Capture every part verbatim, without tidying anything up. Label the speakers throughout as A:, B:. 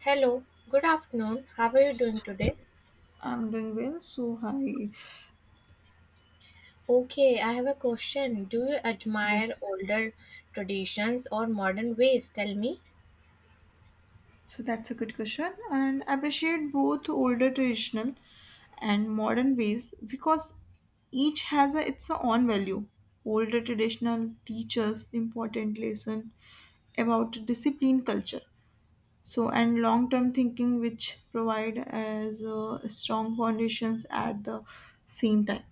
A: Hello, good afternoon. How are you doing today?
B: I'm doing well, so I.
A: Okay, I have a question. Do you admire
B: Yes.
A: older traditions or modern ways? Tell me.
B: So that's a good question. And I appreciate both older traditional and modern ways, because each has a, its own value. Older traditional teaches important lesson about discipline culture. So and long term thinking which provide as uh, strong foundations at the same time.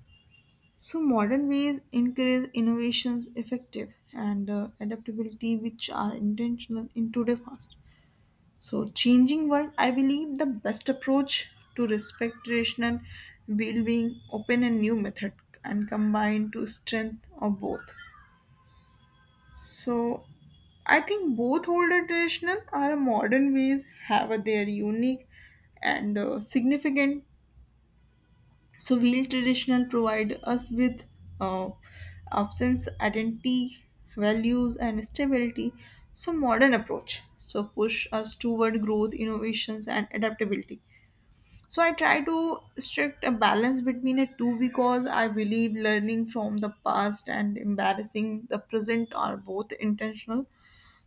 B: So modern ways encourage innovations effective and uh, adaptability, which are intentional in today fast. So changing world, I believe the best approach to respect traditional well-being, open and new method, and combine to strength of both. So I think both older traditional or modern ways have their unique and uh, significant. So wheel traditional provide us with uh, absence, identity, values, and stability. So modern approach so push us toward growth, innovations, and adaptability. So I try to strict a balance between the two, because I believe learning from the past and embarrassing the present are both intentional.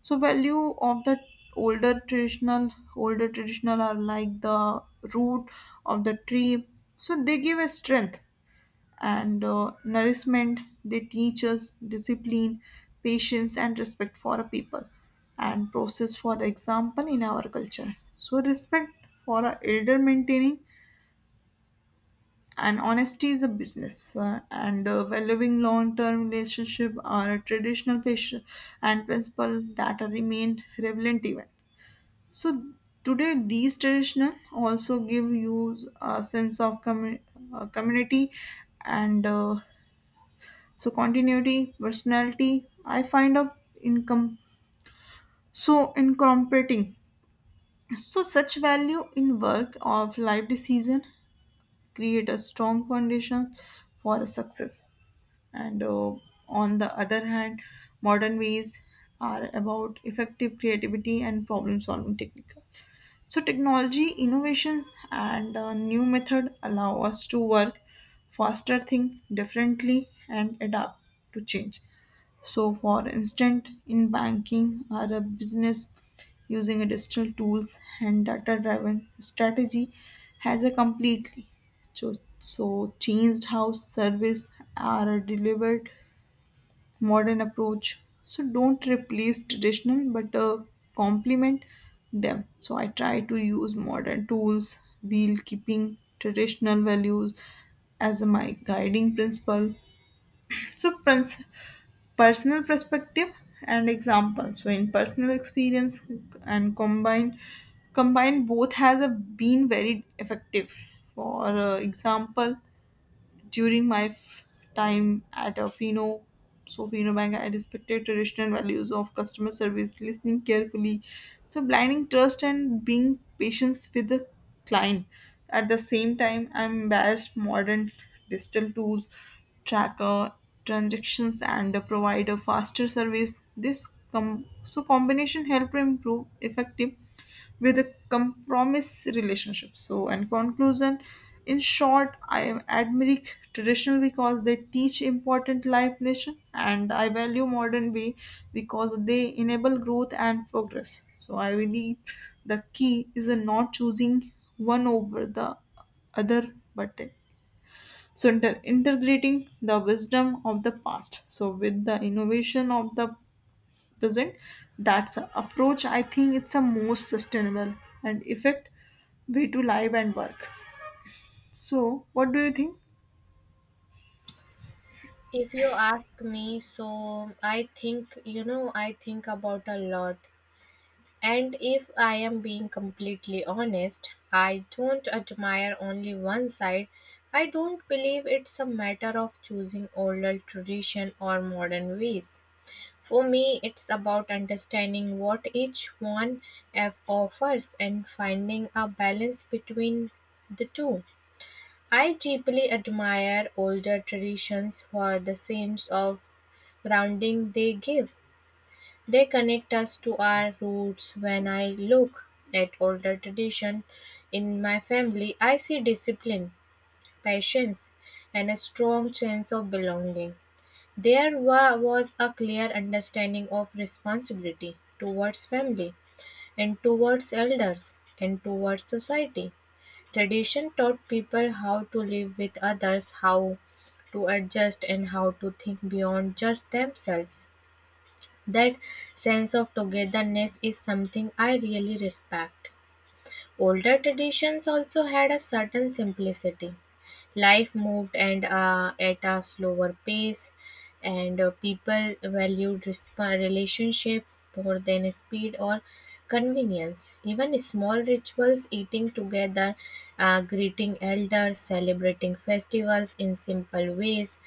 B: So value of the older traditional older traditional are like the root of the tree. So they give a strength and uh, nourishment. They teach us discipline, patience, and respect for a people and process, for the example in our culture. So, respect for our elder maintaining and honesty is a business, uh, and uh, valuing long-term relationship are a traditional patient and principle that remain relevant even so today. These traditional also give you a sense of commu- uh, community and uh, so continuity, personality. I find of income so incorporating. So such value in work of life decision create a strong foundations for a success. And uh, on the other hand, modern ways are about effective creativity and problem solving technique. So technology innovations and uh, new method allow us to work faster, think differently, and adapt to change. So, for instance, in banking or a business using a digital tools and data-driven strategy has a completely so, so changed how service are delivered, modern approach. So don't replace traditional, but uh, complement them. So I try to use modern tools while keeping traditional values as my guiding principle. So princ- personal perspective and example, so in personal experience and combine combine both has a, been very effective for uh, example during my f- time at a Fino, so Fino Bank. I respected traditional values of customer service, listening carefully, so blinding trust and being patient with the client. At the same time, I'm embraced modern digital tools, tracker transactions, and provide a faster service. This com- so combination help improve effective with a compromise relationship. So, in conclusion, in short, I am admiring traditional because they teach important life lesson, and I value modern way because they enable growth and progress. So, I believe the key is in not choosing one over the other, but so inter- integrating the wisdom of the past, so with the innovation of the present. That's a approach I think it's a most sustainable and effect way to live and work. So what do you think?
A: If you ask me, so I think, you know, I think about a lot. And if I am being completely honest, I don't admire only one side. I don't believe it's a matter of choosing older tradition or modern ways. For me, it's about understanding what each one app offers and finding a balance between the two. I deeply admire older traditions for the sense of grounding they give. They connect us to our roots. When I look at older tradition in my family, I see discipline, patience, and a strong sense of belonging. There wa was a clear understanding of responsibility towards family and towards elders and towards society. Tradition taught people how to live with others, how to adjust, and how to think beyond just themselves. That sense of togetherness is something I really respect. Older traditions also had a certain simplicity. Life moved and uh, at a slower pace, and uh, people valued resp- relationship more than speed or convenience. Even small rituals, eating together, uh, greeting elders, celebrating festivals in simple ways,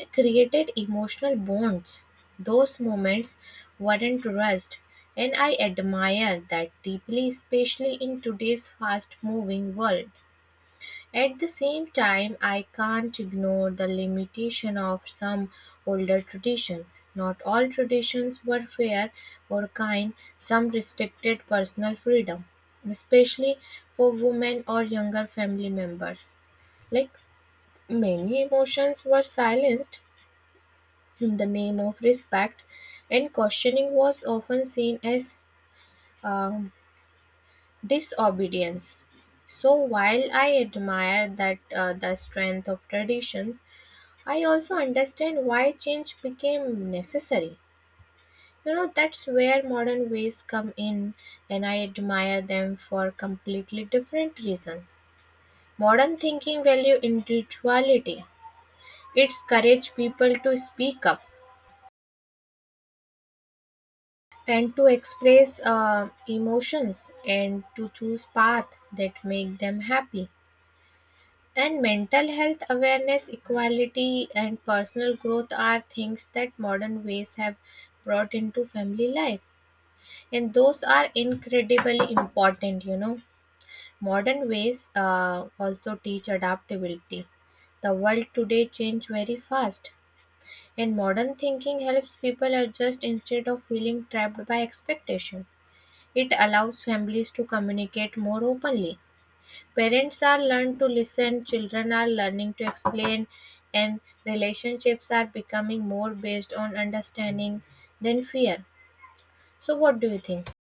A: it created emotional bonds, those moments weren't rushed, and I admire that deeply, especially in today's fast moving world. At the same time, I can't ignore the limitation of some older traditions. Not all traditions were fair or kind, some restricted personal freedom, especially for women or younger family members. Like many emotions were silenced in the name of respect, and questioning was often seen as um, disobedience. So, while I admire that uh, the strength of tradition, I also understand why change became necessary. You know, that's where modern ways come in, and I admire them for completely different reasons. Modern thinking value individuality. It's courage people to speak up and to express uh, emotions and to choose paths that make them happy, and mental health awareness, equality, and personal growth are things that modern ways have brought into family life, and those are incredibly important, you know. Modern ways uh, also teach adaptability. The world today change very fast, and modern thinking helps people adjust instead of feeling trapped by expectation. It allows families to communicate more openly. Parents are learning to listen, children are learning to explain, and relationships are becoming more based on understanding than fear. So, what do you think?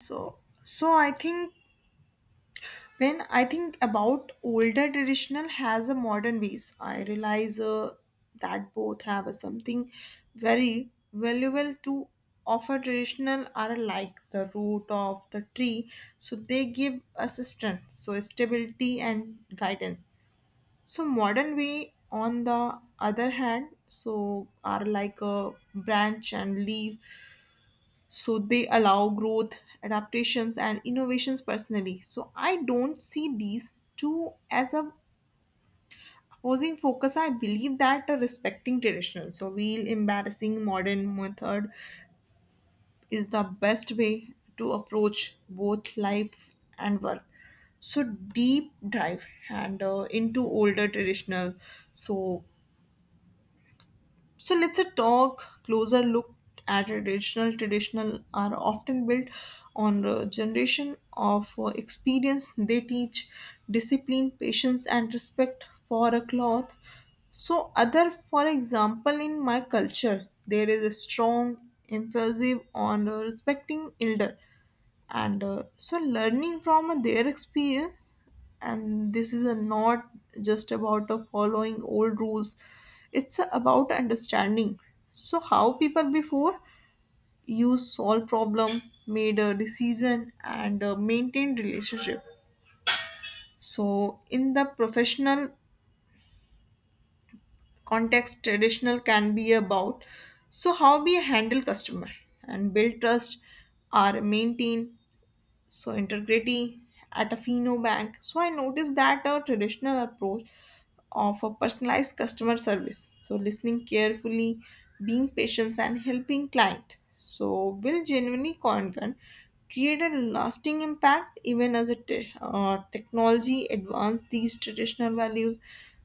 B: So so I think, when I think about older traditional has a modern ways, I realize uh, that both have a something very valuable to offer. Traditional are like the root of the tree, so they give us strength, so stability and guidance. So modern way, on the other hand, so are like a branch and leaf. So they allow growth, adaptations, and innovations personally. So I don't see these two as a opposing focus. I believe that a respecting traditional, so while embarrassing modern method, is the best way to approach both life and work. So deep dive and uh, into older traditional so So Let's a talk closer look at traditional. Traditional are often built on a generation of uh, experience. They teach discipline, patience, and respect for a cloth. So other, for example, in my culture, there is a strong emphasis on uh, respecting elder and uh, so learning from uh, their experience, and this is uh, not just about uh, following old rules. It's uh, about understanding so how people before used solve problem, made a decision, and uh, maintained relationship. So in the professional context traditional can be about so how we handle customer and build trust, or maintain so integrity at a Fino bank. So I noticed that a traditional approach of a personalized customer service. So listening carefully, being patient and helping client. So will genuinely content create a lasting impact, even as a te- uh, technology advance these traditional values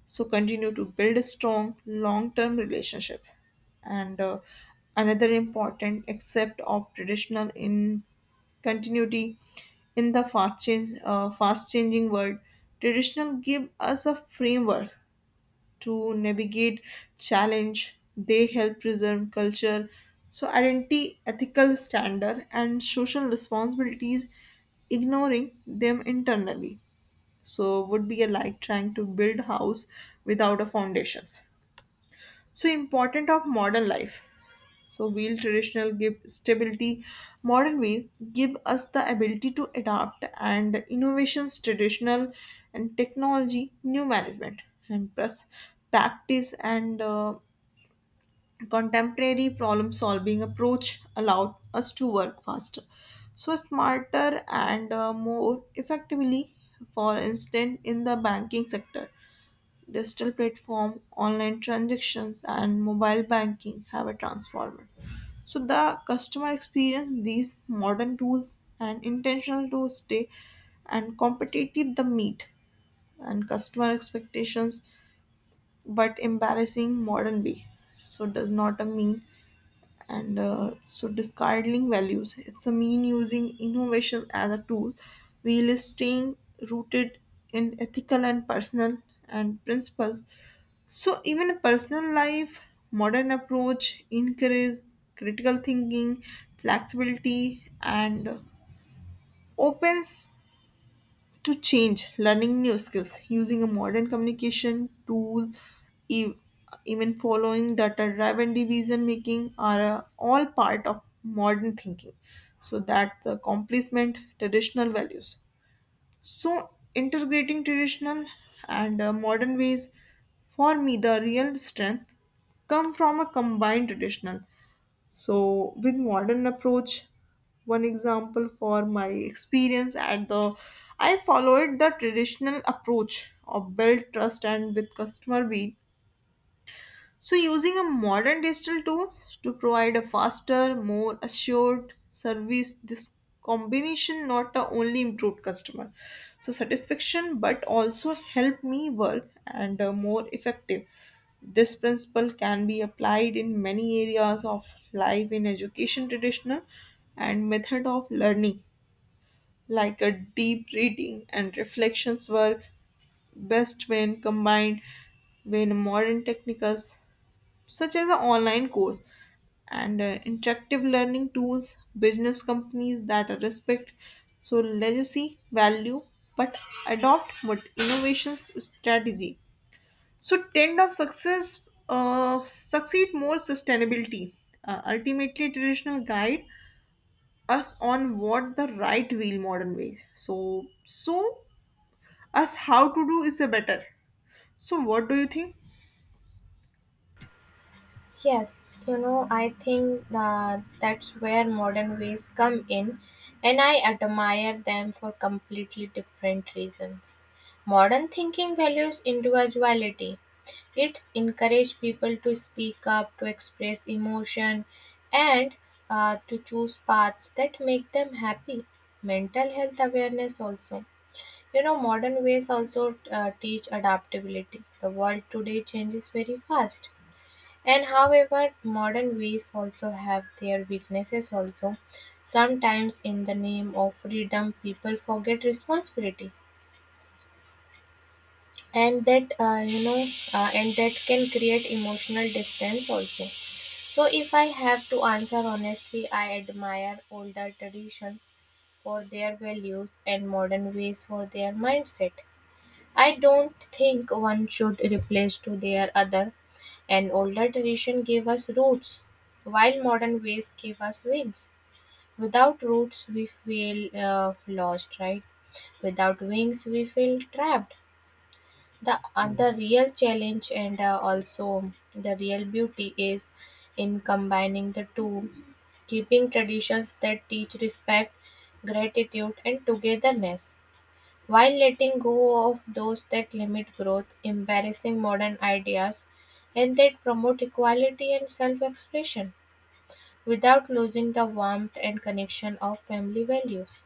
B: so continue to build a strong long-term relationship. And uh, another important aspect of traditional in continuity, in the fast change uh, fast changing world. Traditional give us a framework to navigate challenge. They help preserve culture, so identity, ethical standard, and social responsibilities. Ignoring them internally so would be a like trying to build house without a foundations. So important of modern life. So while traditional give stability, modern ways give us the ability to adapt and innovations traditional, and technology new management and plus practice, and uh, contemporary problem solving approach allowed us to work faster, so smarter, and uh, more effectively, for instance in the banking sector. Digital platform, online transactions, and mobile banking have a transformer. So the customer experience these modern tools and intentional to stay and competitive, the meet and customer expectations, but embarrassing modern way. So does not a mean and uh, so discarding values, it's a mean using innovation as a tool, while staying rooted in ethical and personal and principles. So even a personal life modern approach encourage critical thinking, flexibility, and opens to change, learning new skills, using a modern communication tool, e- even following data driven division making are uh, all part of modern thinking, so that the complement traditional values. So integrating traditional and uh, modern ways, for me the real strength come from a combined traditional so with modern approach. One example for my experience at the I followed the traditional approach of build trust and with customer being, so, using a modern digital tools to provide a faster, more assured service. This combination not a only improved customer so satisfaction, but also help me work and uh, more effective. This principle can be applied in many areas of life, in education traditional and method of learning like a deep reading and reflections work best when combined, when modern techniques such as an online course and uh, interactive learning tools, business companies that respect so legacy value but adopt what innovations strategy. So trend of success uh, succeed more sustainability. Uh, ultimately, traditional guide us on what the right wheel modern way. So so us how to do is a better. So what do you think?
A: Yes, you know, I think that that's where modern ways come in, and I admire them for completely different reasons. Modern thinking values individuality. It's encourage people to speak up, to express emotion, and uh, to choose paths that make them happy. Mental health awareness also. You know, modern ways also uh, teach adaptability. The world today changes very fast, and however, modern ways also have their weaknesses also. Sometimes in the name of freedom, people forget responsibility. And that uh, you know, uh, and that can create emotional distance also. So if I have to answer honestly, I admire older traditions for their values and modern ways for their mindset. I don't think one should replace to their other. An older tradition gave us roots, while modern ways give us wings. Without roots, we feel uh, lost, right? Without wings, we feel trapped. The other real challenge and uh, also the real beauty is in combining the two, keeping traditions that teach respect, gratitude, and togetherness while letting go of those that limit growth, embarrassing modern ideas, and that promote equality and self expression without losing the warmth and connection of family values.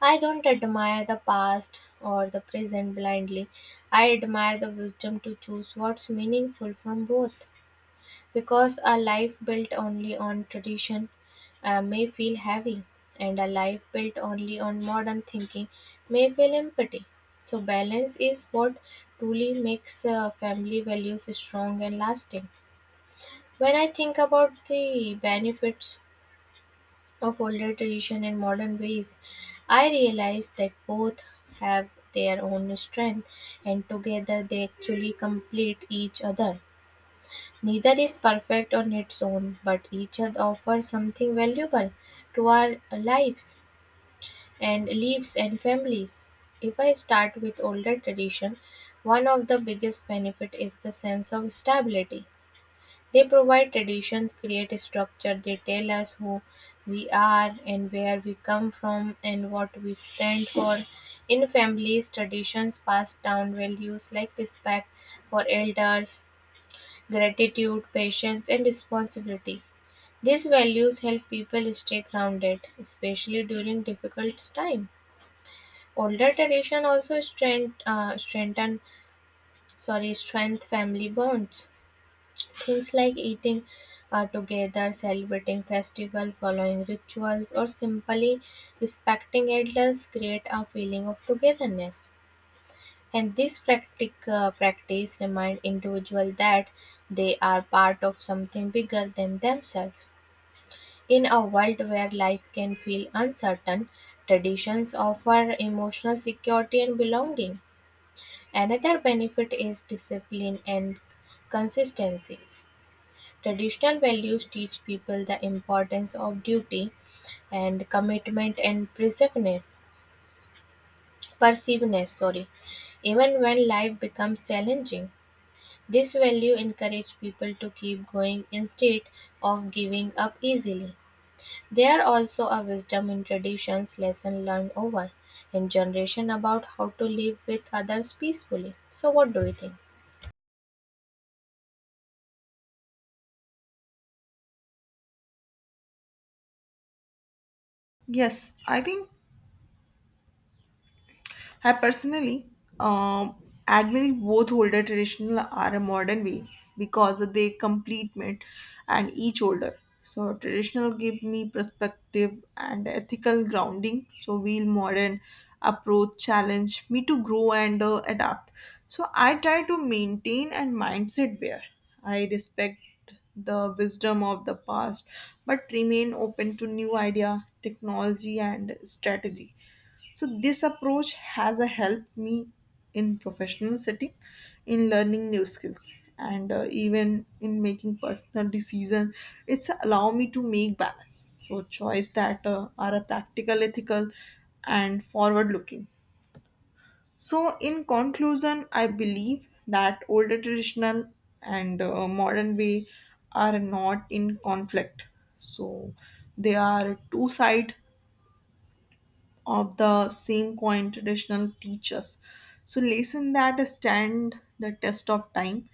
A: I don't admire the past or the present blindly. I admire the wisdom to choose what's meaningful from both, because a life built only on tradition uh, may feel heavy, and a life built only on modern thinking may feel empty. So balance is what truly makes uh, family values strong and lasting. When I think about the benefits of older tradition and modern ways, I realize that both have their own strength, and together they actually complete each other. Neither is perfect on its own, but each offers something valuable to our lives and lives and families. If I start with older tradition, one of the biggest benefit is the sense of stability. They provide traditions, create a structure, they tell us who we are and where we come from and what we stand for. In families, traditions pass down values like respect for elders, gratitude, patience, and responsibility. These values help people stay grounded, especially during difficult times. Older tradition also strength, uh, strengthen, sorry, strength family bonds. Things like eating uh, together, celebrating festival, following rituals, or simply respecting elders create a feeling of togetherness. And this practic, uh, practice remind individual that they are part of something bigger than themselves. In a world where life can feel uncertain, traditions offer emotional security and belonging. Another benefit is discipline and consistency. Traditional values teach people the importance of duty and commitment and perseverance. Perseverance, sorry. Even when life becomes challenging, this value encouraged people to keep going instead of giving up easily. There are also a wisdom in traditions, lesson learned over in generation about how to live with others peacefully. So what do you think?
B: Yes, I think I personally um, admire both older traditional or a modern way because they complement and each older. So traditional give me perspective and ethical grounding. So while modern approach challenge me to grow and uh, adapt. So I try to maintain and mindset where I respect the wisdom of the past, but remain open to new idea, technology and strategy. So this approach has uh, helped me in professional setting, in learning new skills, and uh, even in making personal decision. It's allow me to make balance. So choice that uh, are a practical, ethical, and forward looking. So in conclusion, I believe that older traditional and uh, modern way are not in conflict. So they are two side of the same coin, traditional teachers. So lesson that stand the test of time.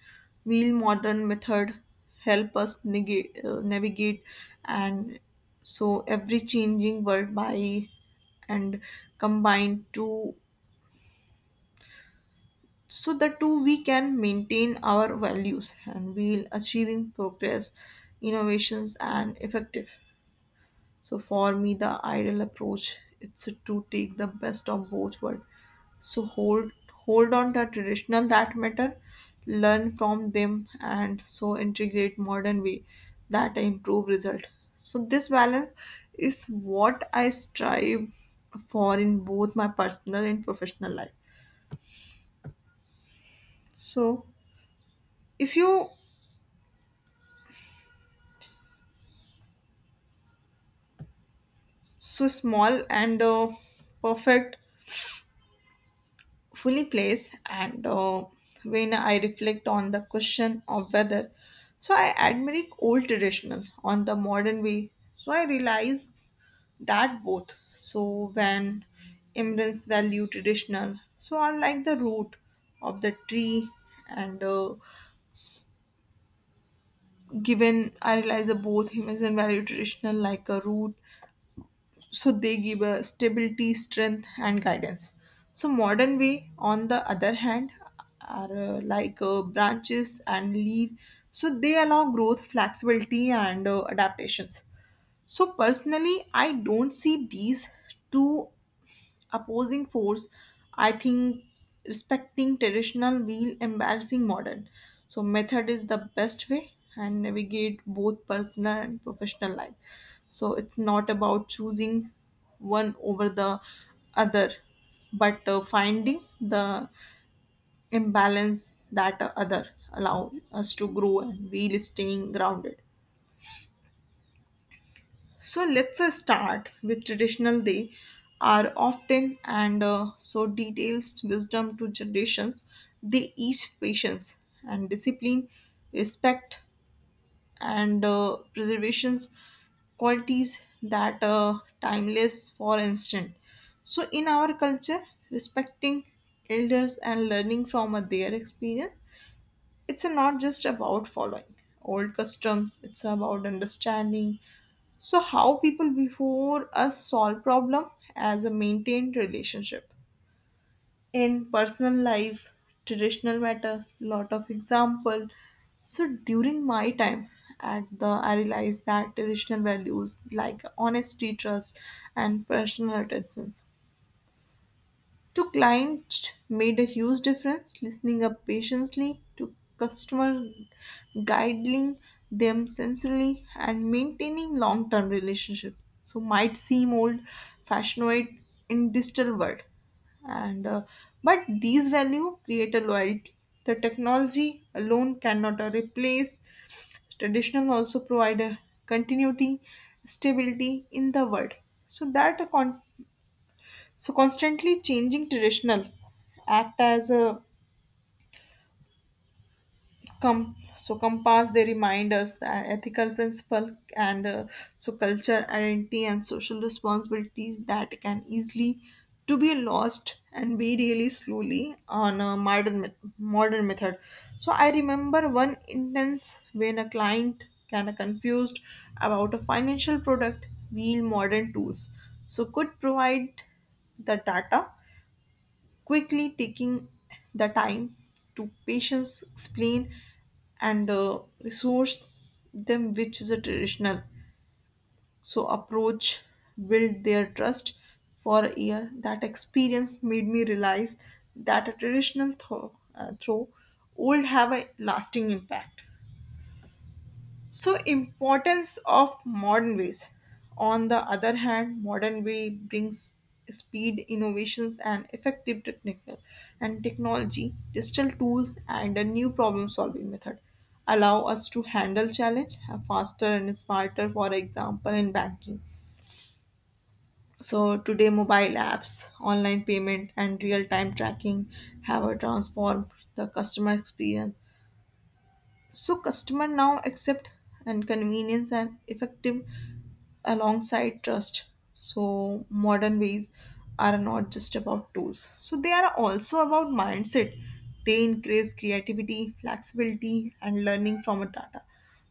B: Will modern method help us negate, uh, navigate and so every changing world by and combine two, so the two we can maintain our values, and we'll achieving progress, innovations, and effective. So for me, the ideal approach it's to take the best of both worlds. So hold hold on to traditional that matter, learn from them, and so integrate modern way that improve result. So this balance is what I strive for in both my personal and professional life. So if you so small and uh, perfect fully plays and uh, when I reflect on the question of whether so I admire old traditional on the modern way, so I realize that both. So when immigrants value traditional, so are like the root of the tree and uh, given I realize that both immigrants value traditional like a root, so they give a stability, strength and guidance. So modern way on the other hand are uh, like uh, branches and leaf. So they allow growth, flexibility and uh, adaptations. So personally I don't see these two opposing force. I think respecting traditional while embarrassing modern so method is the best way and navigate both personal and professional life. So it's not about choosing one over the other, but uh, finding the imbalance that uh, other allow us to grow and while staying grounded. So let's uh, start with traditional. They are often and uh, so details wisdom to generations. They each patience and discipline, respect and uh, preservations qualities that uh, timeless for instant. So in our culture, respecting elders and learning from uh, their experience it's not just about following old customs it's about understanding so how people before us solve problem as a maintained relationship in personal life traditional matter lot of example so during my time at the I realized that traditional values like honesty trust and personal attention to clients made a huge difference, listening up patiently to customer, guiding them sensorily, and maintaining long-term relationship. So might seem old-fashioned in digital world, and uh, but these value create a loyalty. The technology alone cannot uh, replace traditional. Also provide a continuity, stability in the world. So that a con- so constantly changing traditional act as a com- so compass. They remind us that ethical principle and uh, so culture, identity, and social responsibilities that can easily to be lost and be really slowly on a modern met- modern method. So I remember one instance when a client kind of confused about a financial product, wheel modern tools. So could provide the data quickly taking the time to patience explain and uh, resource them which is a traditional so approach build their trust for a year that experience made me realize that a traditional throw, uh, throw would have a lasting impact so importance of modern ways. On the other hand, modern way brings speed, innovations and effective technical and technology, digital tools and a new problem solving method allow us to handle challenge faster and smarter for example in banking. So today mobile apps, online payment and real-time tracking have a transformed the customer experience. So customer now accept and convenience and effective alongside trust. So, modern ways are not just about tools, so they are also about mindset. They increase creativity, flexibility, and learning from a data.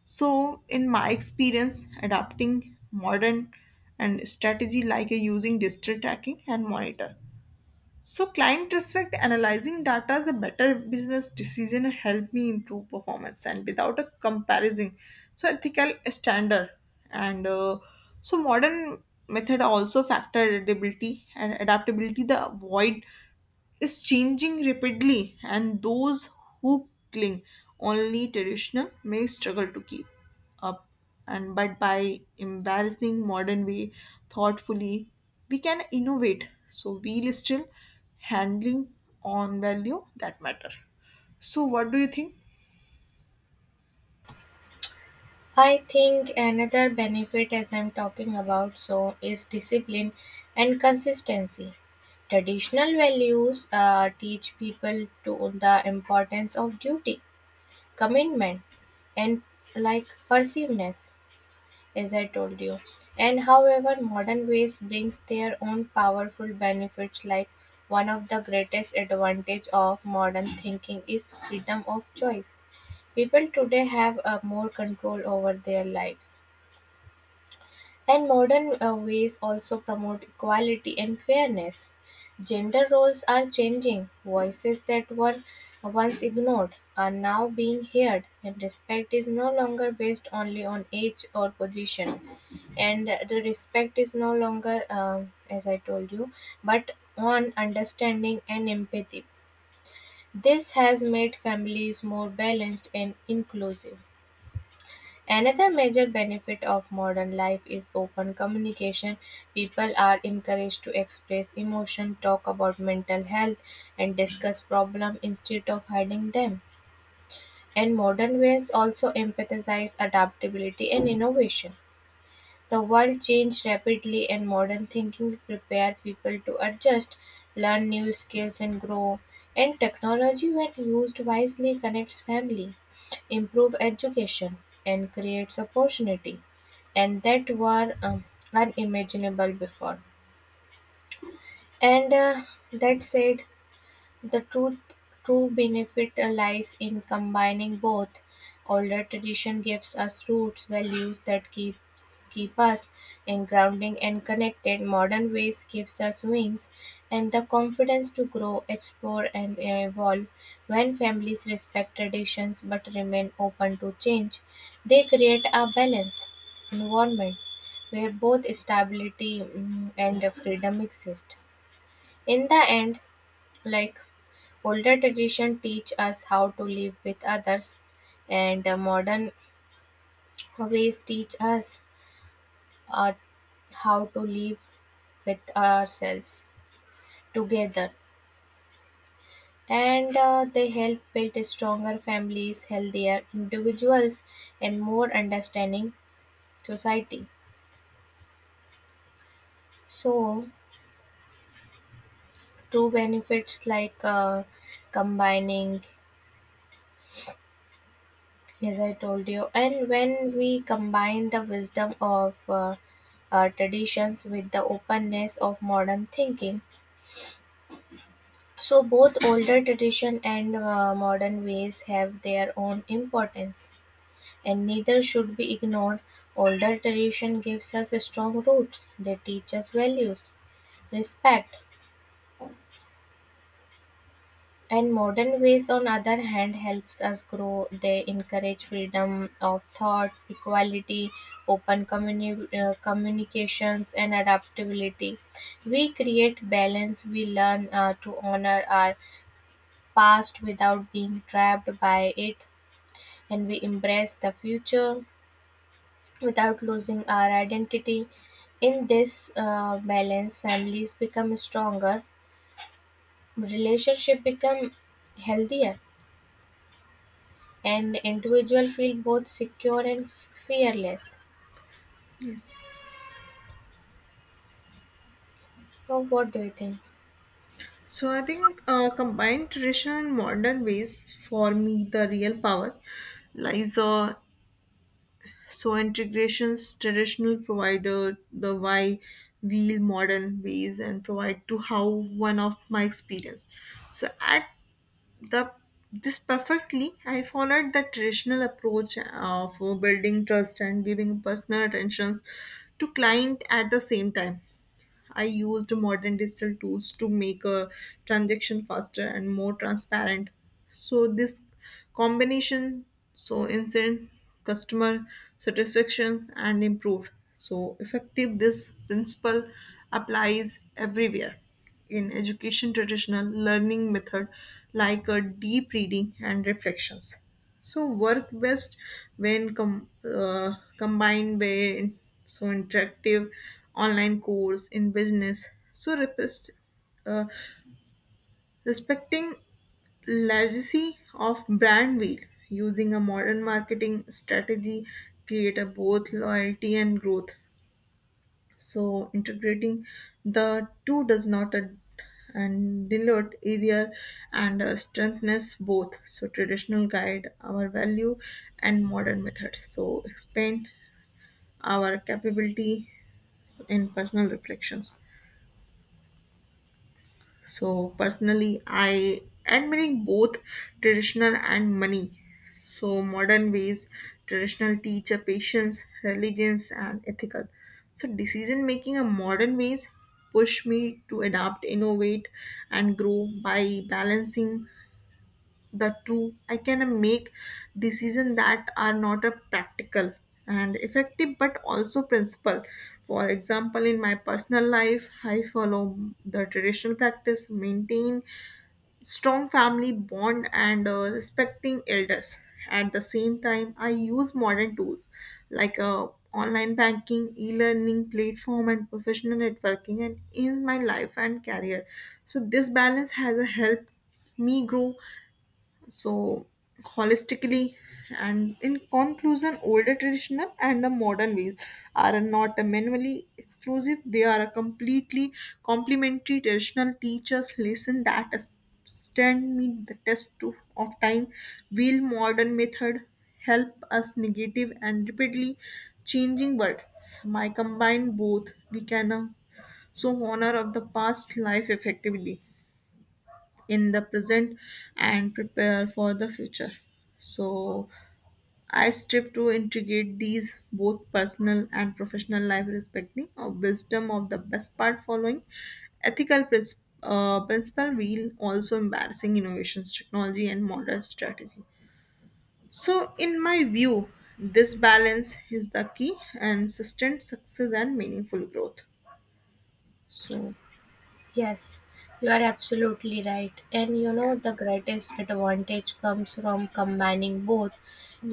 B: So, in my experience, adapting modern and strategy like a using digital tracking and monitor so client respect analyzing data is a better business decision and help me improve performance and without a comparison. So ethical standard and uh, so modern method also factor adaptability and adaptability the avoid is changing rapidly, and those who cling only traditional may struggle to keep up. And but by embarrassing modern way thoughtfully, we can innovate. So we'll still handling on value that matter. So what do you think?
A: I think another benefit as I'm talking about so is discipline and consistency. Traditional values uh, teach people to the importance of duty, commitment, and like persiveness, as I told you. And however, modern ways brings their own powerful benefits, like one of the greatest advantage of modern thinking is freedom of choice. People today have a more control over their lives. And modern uh, ways also promote equality and fairness. Gender roles are changing. Voices that were once ignored are now being heard, and respect is no longer based only on age or position. And the respect is no longer, um, as I told you, but on understanding and empathy. This has made families more balanced and inclusive. Another major benefit of modern life is open communication. People are encouraged to express emotion, talk about mental health, and discuss problems instead of hiding them. And modern ways also emphasize adaptability and innovation. The world changed rapidly, and modern thinking prepared people to adjust, learn new skills, and grow. And technology, when used wisely, connects family, improve education, and creates opportunity and that were um, unimaginable before. And uh, that said, the truth, true benefit lies in combining both; older tradition gives us roots, values that keeps keep us in grounding and connected; modern ways gives us wings and the confidence to grow, explore and evolve. When families respect traditions but remain open to change, they create a balanced environment where both stability, mm, and freedom exist. In the end, like older tradition teach us how to live with others, and uh, modern ways teach us uh, how to live with ourselves together. And uh, they help build stronger families, healthier individuals, and more understanding society. So, two benefits like uh, combining, yes, I told you. And when we combine the wisdom of uh, uh, traditions with the openness of modern thinking, so both older tradition and uh, modern ways have their own importance, and neither should be ignored. Older tradition gives us strong roots; they teach us values, respect. And modern ways, on other hand, helps us grow. They encourage freedom of thoughts, equality, open communi- uh, communications, and adaptability. We create balance. We learn uh, to honor our past without being trapped by it, and we embrace the future without losing our identity. In this uh, balance, families become stronger, relationship become healthier, and individual feel both secure and fearless.
B: Yes.
A: So, what do you think?
B: So I think uh, combined traditional and modern ways for me the real power lies uh, so integrations traditional provider the why wheel modern ways and provide to how one of my experience. So at the this perfectly, I followed the traditional approach of building trust and giving personal attentions to client at the same time. I used modern digital tools to make a transaction faster and more transparent. So this combination, so instant customer satisfactions and improved. So effective this principle applies everywhere in education traditional learning method like a deep reading and reflections so work best when com- uh, combined with so interactive online course in business. So repres- uh, respecting legacy of brand wheel using a modern marketing strategy create a both loyalty and growth so integrating the two does not ad- and dilute either and uh, strengthens both. So traditional guide our value and modern method. So expand our capability in personal reflections. So personally, I admiring both traditional and money. So modern ways, traditional teacher patience, religions, and ethical. So decision making a modern ways push me to adapt, innovate, and grow by balancing the two I can make decisions that are not a practical and effective but also principle for example in my personal life I follow the traditional practice maintain strong family bond and uh, respecting elders at the same time I use modern tools like uh, online banking e-learning platform and professional networking and in my life and career so this balance has a helped me grow so holistically and in conclusion older traditional and the modern ways are not minimally exclusive they are a completely complementary traditional teachers lesson that stand meet the test to- of time will modern method help us negative and rapidly changing world My combine both we can uh, so honor of the past life effectively in the present and prepare for the future. So I strive to integrate these both personal and professional life, respecting of wisdom of the best part, following ethical pris- uh, principle, while also embarrassing innovations, technology, and modern strategy. So, in my view, this balance is the key and sustained success and meaningful growth. So,
A: Yes, you are absolutely right. And you
B: yeah.
A: know, the greatest advantage comes from combining both,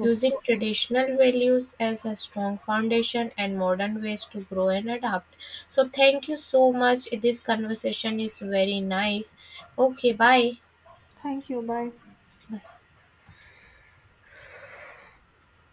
A: using traditional values as a strong foundation and modern ways to grow and adapt. So, thank you so much. This conversation is very nice. Okay, bye.
B: Thank you. Bye.